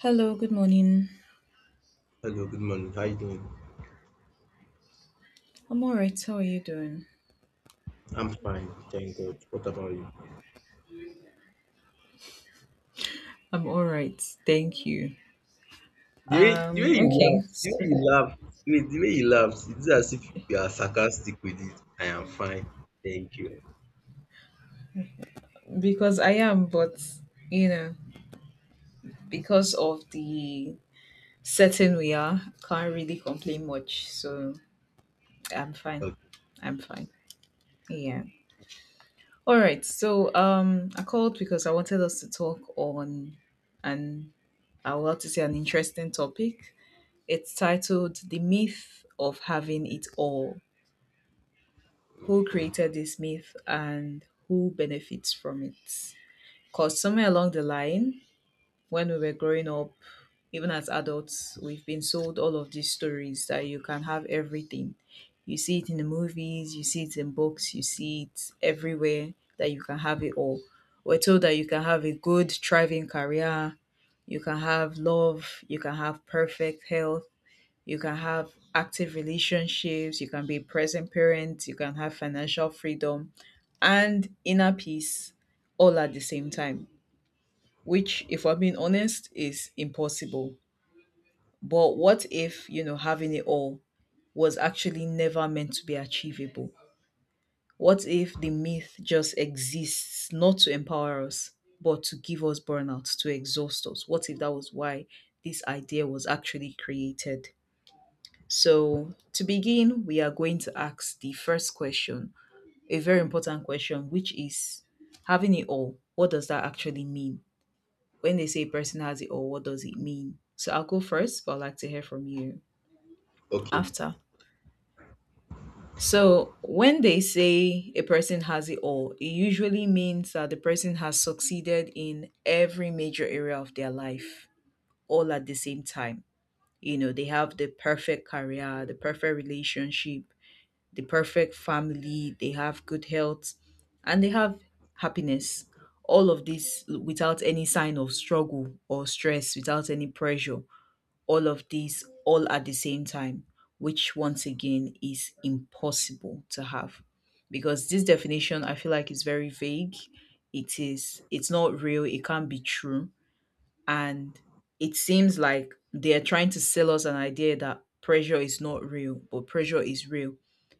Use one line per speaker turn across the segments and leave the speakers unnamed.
Hello, good morning.
Hello, good morning. How you doing?
I'm all right. How are you doing?
I'm fine, thank God. What about you?
I'm all right. Thank you.
The way
Um,
you
okay.
laughed, the way
So,
you laughed, wait, the way you laughed, it's as if you are sarcastic with it. I am fine, thank you.
because I am, but you know, because of the setting we are, can't really complain much. So I'm fine.
Okay,
I'm fine. Yeah. All right. So I called because I wanted us to talk on an I would like to say an interesting topic. It's titled "The Myth of Having It All," who
okay,
created this myth and who benefits from it. Because somewhere along the line, when we were growing up, even as adults, we've been sold all of these stories that you can have everything. You see it in the movies, you see it in books, you see it everywhere that you can have it all. We're told that you can have a good, thriving career, you can have love, you can have perfect health, you can have active relationships, you can be a present parent, you can have financial freedom and inner peace all at the same time, which, if I'm being honest, is impossible. But what if, you know, having it all was actually never meant to be achievable? What if the myth just exists not to empower us, but to give us burnout, to exhaust us? What if that was why this idea was actually created? So, to begin, we are going to ask the first question, a very important question, which is having it all. What does that actually mean? When they say a person has it all, what does it mean? So, I'll go first, but I'd like to hear from you
okay.
after. So, when they say a person has it all, it usually means that the person has succeeded in every major area of their life all at the same time. You know, they have the perfect career, the perfect relationship, the perfect family, they have good health, and they have happiness. All of this without any sign of struggle or stress, without any pressure. All of this all at the same time, which once again is impossible to have. Because this definition I feel like is very vague. It's not real, it can't be true, and it seems like they are trying to sell us an idea that pressure is not real, but pressure is real.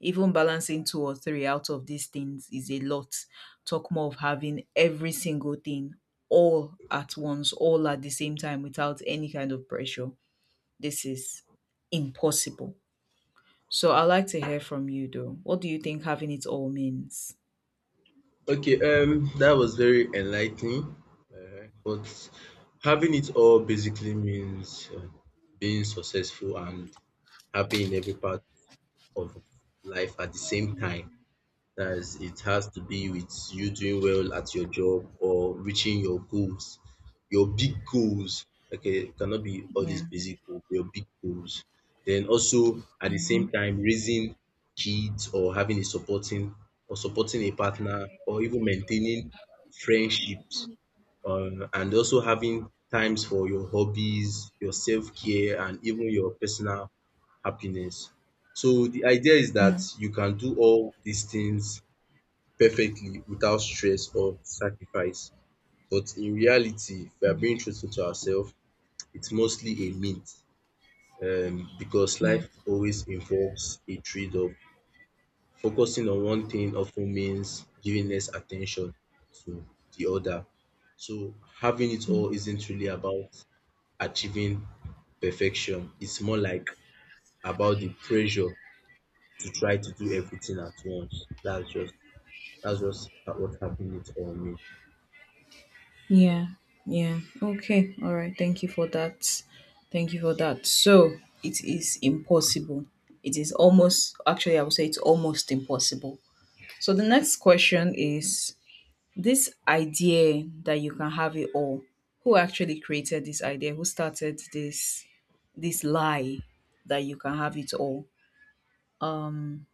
Even balancing two or three out of these things is a lot. Talk more of having every single thing all at once, all at the same time without any kind of pressure. This is impossible. So I'd like to hear from you though. What do you think having it all means?
Okay, that was very enlightening. But having it all basically means being successful and happy in every part of life at the same time. That is, it has to be with you doing well at your job or reaching your goals, your big goals. Okay, it cannot be all
Yeah.
these basic goals, your big goals. Then also at the same time raising kids or having a supporting or supporting a partner or even maintaining friendships. And also having times for your hobbies, your self-care, and even your personal happiness. So the idea is
Yeah.
that you can do all these things perfectly without stress or sacrifice. But in reality, if we are being truthful to ourselves, it's mostly a myth because
Yeah.
life always involves a trade-off. Focusing on one thing often means giving less attention to the other. So having it all isn't really about achieving perfection. It's more like about the pressure to try to do everything at once. That's just what happened for me.
Yeah, yeah. Okay, all right. Thank you for that. Thank you for that. So it is impossible. It is almost, actually, I would say it's almost impossible. So the next question is this idea that you can have it all. Who actually created this idea? Who started this lie that you can have it all? Um,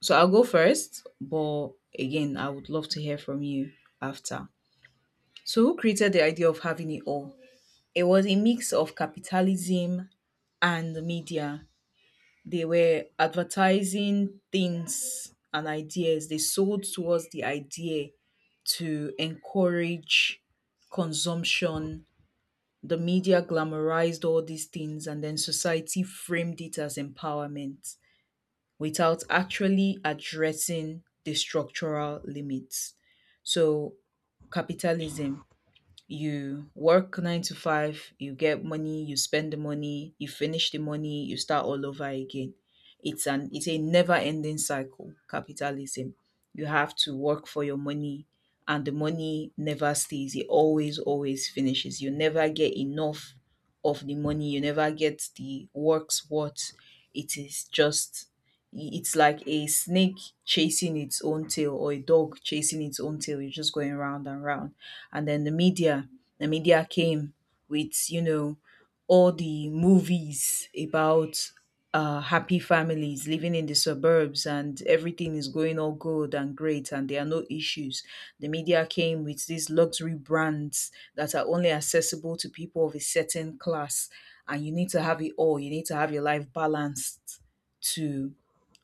so I'll go first, but again, I would love to hear from you after. So who created the idea of having it all? It was a mix of capitalism and the media. They were advertising things and ideas. They sold towards the idea to encourage consumption. The media glamorized all these things, and then society framed it as empowerment without actually addressing the structural limits. So, capitalism, you work nine to five, you get money, you spend the money, you finish the money, you start all over again. It's a never ending cycle, capitalism. You have to work for your money, and the money never stays. It always, always finishes. You never get enough of the money. You never get the work's worth. It is just It's like a snake chasing its own tail or a dog chasing its own tail. You're just going round and round, and then the media, the media came with, you know, all the movies about happy families living in the suburbs, and everything is going all good and great and there are no issues. The media came with these luxury brands that are only accessible to people of a certain class, and you need to have it all. You need to have your life balanced to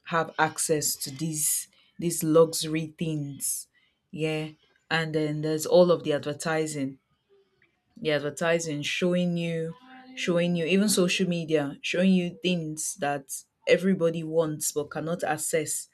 have access to these luxury things. Yeah. And then there's all of the advertising. The advertising showing you even social media, showing you things that everybody wants but cannot access,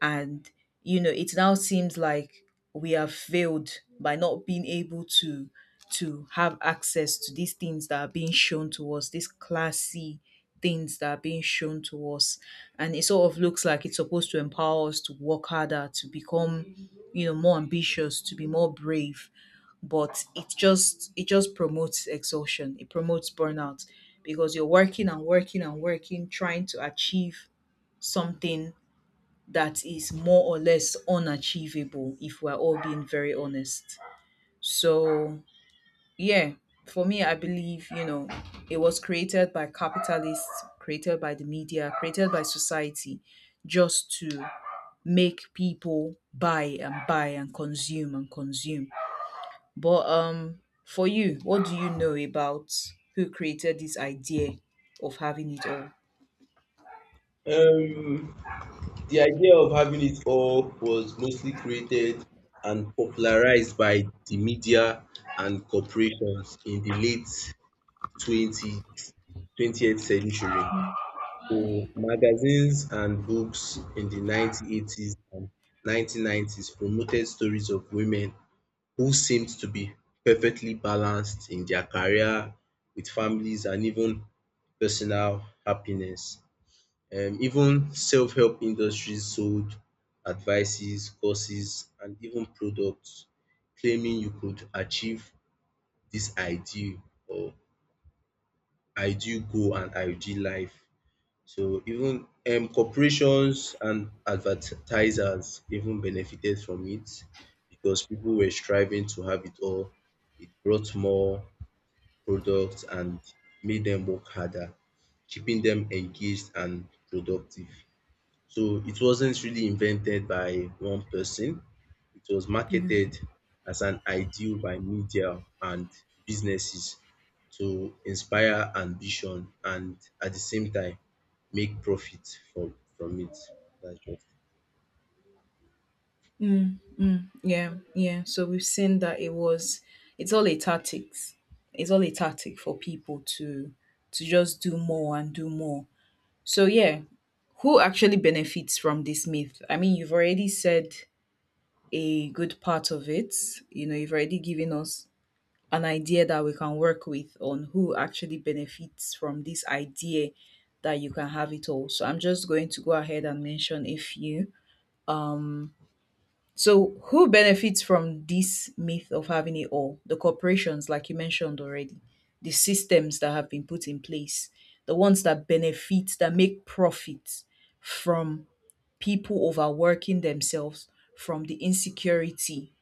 and you know it now seems like we have failed by not being able to have access to these things that are being shown to us, these classy things that are being shown to us, and it sort of looks like it's supposed to empower us to work harder, to become, you know, more ambitious, to be more brave, but it just promotes exhaustion, it promotes burnout, because you're working and working and working trying to achieve something that is more or less unachievable, if we're all being very honest. So, yeah, for me, I believe, you know, it was created by capitalists, created by the media, created by society just to make people buy and buy and consume and consume. But for you, what do you know about who created this idea of having it all?
Um The idea of having it all was mostly created and popularized by the media and corporations in the late 20 20th century. So magazines and books in the 1980s and 1990s promoted stories of women who seemed to be perfectly balanced in their career, with families, and even personal happiness even self-help industries sold advices, courses and even products claiming you could achieve this ideal or ideal goal and ideal life. So even corporations and advertisers even benefited from it because people were striving to have it all. It brought more products and made them work harder, keeping them engaged and productive. So it wasn't really invented by one person. It was
Yeah.
marketed as an ideal by media and businesses to inspire ambition and at the same time make profit from it. That's just
Mm, mm, yeah, yeah. So we've seen that it was, it's all a tactics. It's all a tactic for people to just do more and do more. So yeah, who actually benefits from this myth? I mean, you've already said a good part of it. You know, you've already given us an idea that we can work with on who actually benefits from this idea that you can have it all. So I'm just going to go ahead and mention a few. So, who benefits from this myth of having it all? The corporations, like you mentioned already, the systems that have been put in place, the ones that benefit, that make profit from people overworking themselves, from the insecurity,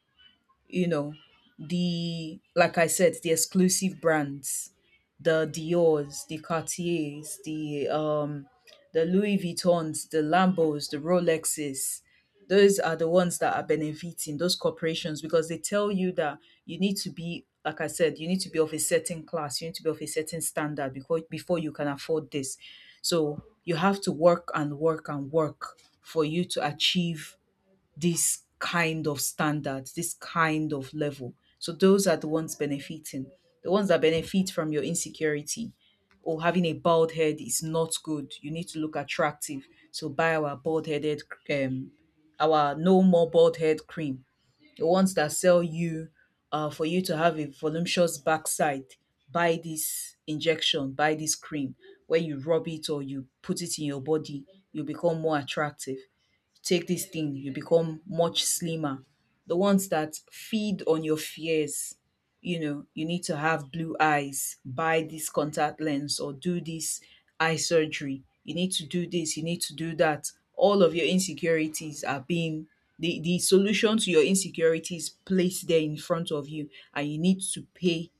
you know, the like I said, the exclusive brands, the Diors, the Cartiers, the Louis Vuittons, the Lambos, the Rolexes. Those are the ones that are benefiting, those corporations, because they tell you that you need to be, like I said, you need to be of a certain class, you need to be of a certain standard, before you can afford this. So you have to work and work and work for you to achieve this kind of standard, this kind of level. So those are the ones benefiting. The ones that benefit from your insecurity, or having a bald head is not good. You need to look attractive. So buy our bald headed, um, our no more bald head cream. The ones that sell you, for you to have a voluptuous backside, buy this injection, buy this cream. When you rub it or you put it in your body, you become more attractive. Take this thing, you become much slimmer. The ones that feed on your fears, you know, you need to have blue eyes, buy this contact lens, or do this eye surgery. You need to do this, you need to do that. All of your insecurities are being, the solution to your insecurities placed there in front of you, and you need to pay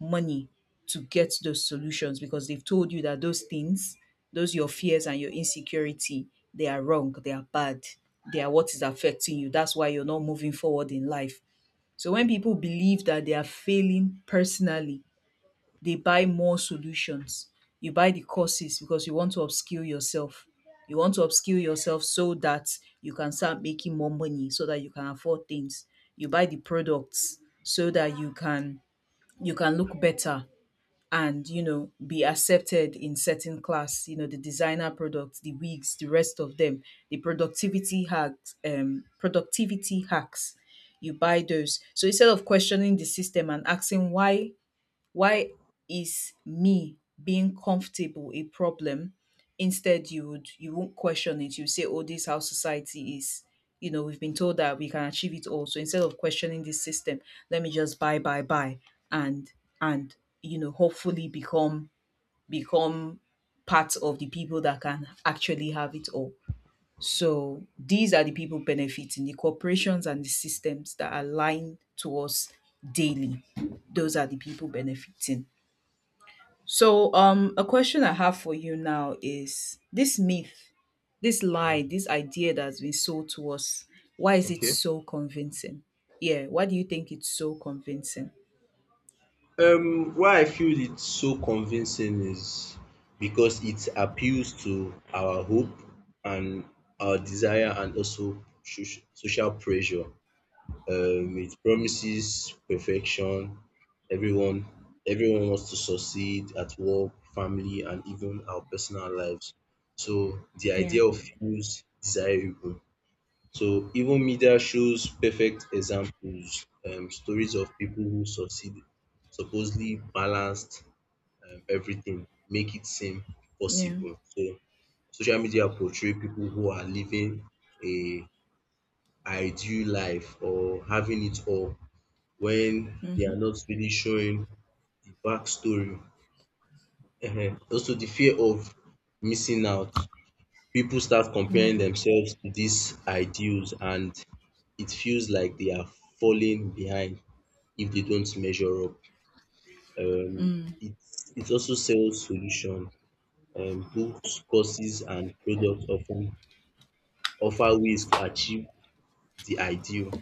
money to get those solutions, because they've told you that those things, those your fears and your insecurity, they are wrong, they are bad, they are what is affecting you. That's why you're not moving forward in life. So when people believe that they are failing personally, they buy more solutions. You buy the courses because you want to upskill yourself. You want to upskill yourself so that you can start making more money, so that you can afford things. You buy the products so that you can look better, and you know, be accepted in certain class, you know, the designer products, the wigs, the rest of them, the productivity hacks. You buy those, so instead of questioning the system and asking why is me being comfortable a problem? Instead, you won't question it. You say, "Oh, this is how society is." You know, we've been told that we can achieve it all. So instead of questioning this system, let me just buy, buy, buy, and and you know, hopefully become part of the people that can actually have it all. So these are the people benefiting, the corporations and the systems that are lying to us daily. Those are the people benefiting. So, a question I have for you now is, this myth, this
Mm,
lie, this idea that's been sold to us, why is it
Okay.
so convincing? Yeah, why do you think it's so convincing?
Why I feel it's so convincing is because it appeals to our hope and our desire and also social pressure. It promises perfection. Everyone, everyone wants to succeed at work, family, and even our personal lives. So the
Yeah,
idea of feels desirable. So even media shows perfect examples, stories of people who succeed, supposedly balanced everything, make it seem
yeah,
possible. So social media portray people who are living a ideal life or having it all when they are
mhm,
not really showing the backstory. Ehen. Also the fear of missing out. People start comparing
yeah,
themselves to these ideals and it feels like they are falling behind if they don't measure up. Um, it, it also sells solution. Books, courses, and products often offer ways to achieve the ideal,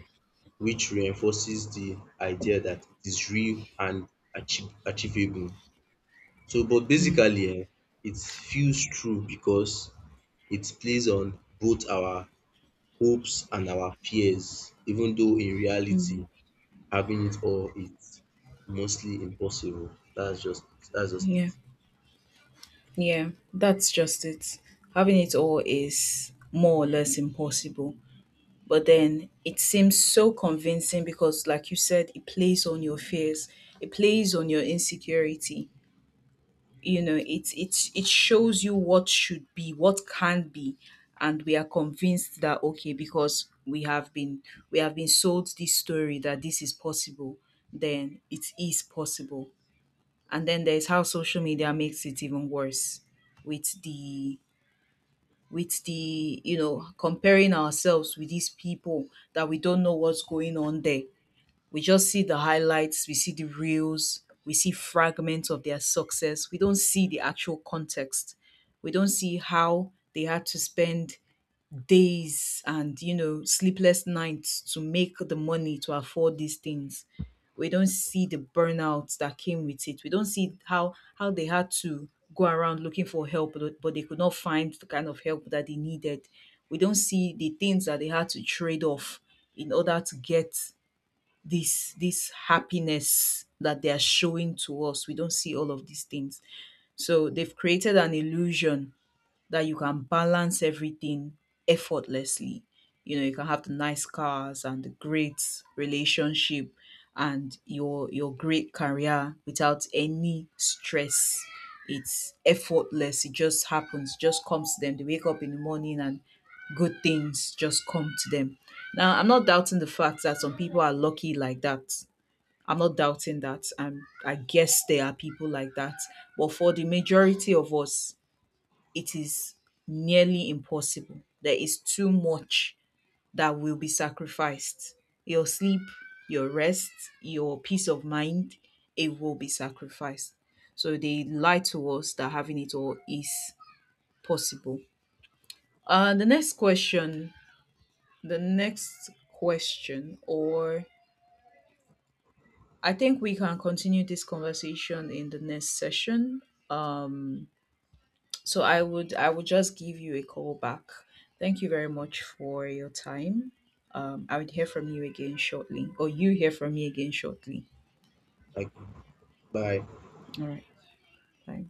which reinforces the idea that it is real and achievable. So, but
mm,
basically, eh, it feels true because it plays on both our hopes and our fears, even though in
mm,
reality, having it all is mostly impossible. That's just
yeah, yeah. That's just it. Having it all is more or less impossible. But then it seems so convincing because, like you said, it plays on your fears, it plays on your insecurity, you know, it shows you what should be, what can be, and we are convinced that okay, because we have been, we have been sold this story that this is possible, then it is possible. And then there's how social media makes it even worse, with the, with the you know, comparing ourselves with these people that we don't know what's going on there. We just see the highlights, we see the reels, we see fragments of their success. We don't see the actual context. We don't see how they had to spend days and, you know, sleepless nights to make the money to afford these things. We don't see the burnout that came with it. We don't see how they had to go around looking for help, but they could not find the kind of help that they needed. We don't see the things that they had to trade off in order to get this happiness that they are showing to us. We don't see all of these things. So they've created an illusion that you can balance everything effortlessly. You know, you can have the nice cars and the great relationship and your great career without any stress. It's effortless. It just happens, just comes to them. They wake up in the morning and good things just come to them. Now, I'm not doubting the fact that some people are lucky like that. I'm not doubting that. And I guess there are people like that. But for the majority of us, it is nearly impossible. There is too much that will be sacrificed. Your sleep, your rest, your peace of mind, it will be sacrificed. So they lie to us that having it all is possible. Uh, the next question, the next question, or I think we can continue this conversation in the next session. Um, So I would just give you a call back. Thank you very much for your time. I would hear from you again shortly, or you hear from me again shortly.
it. Like, bye.
All right. Bye.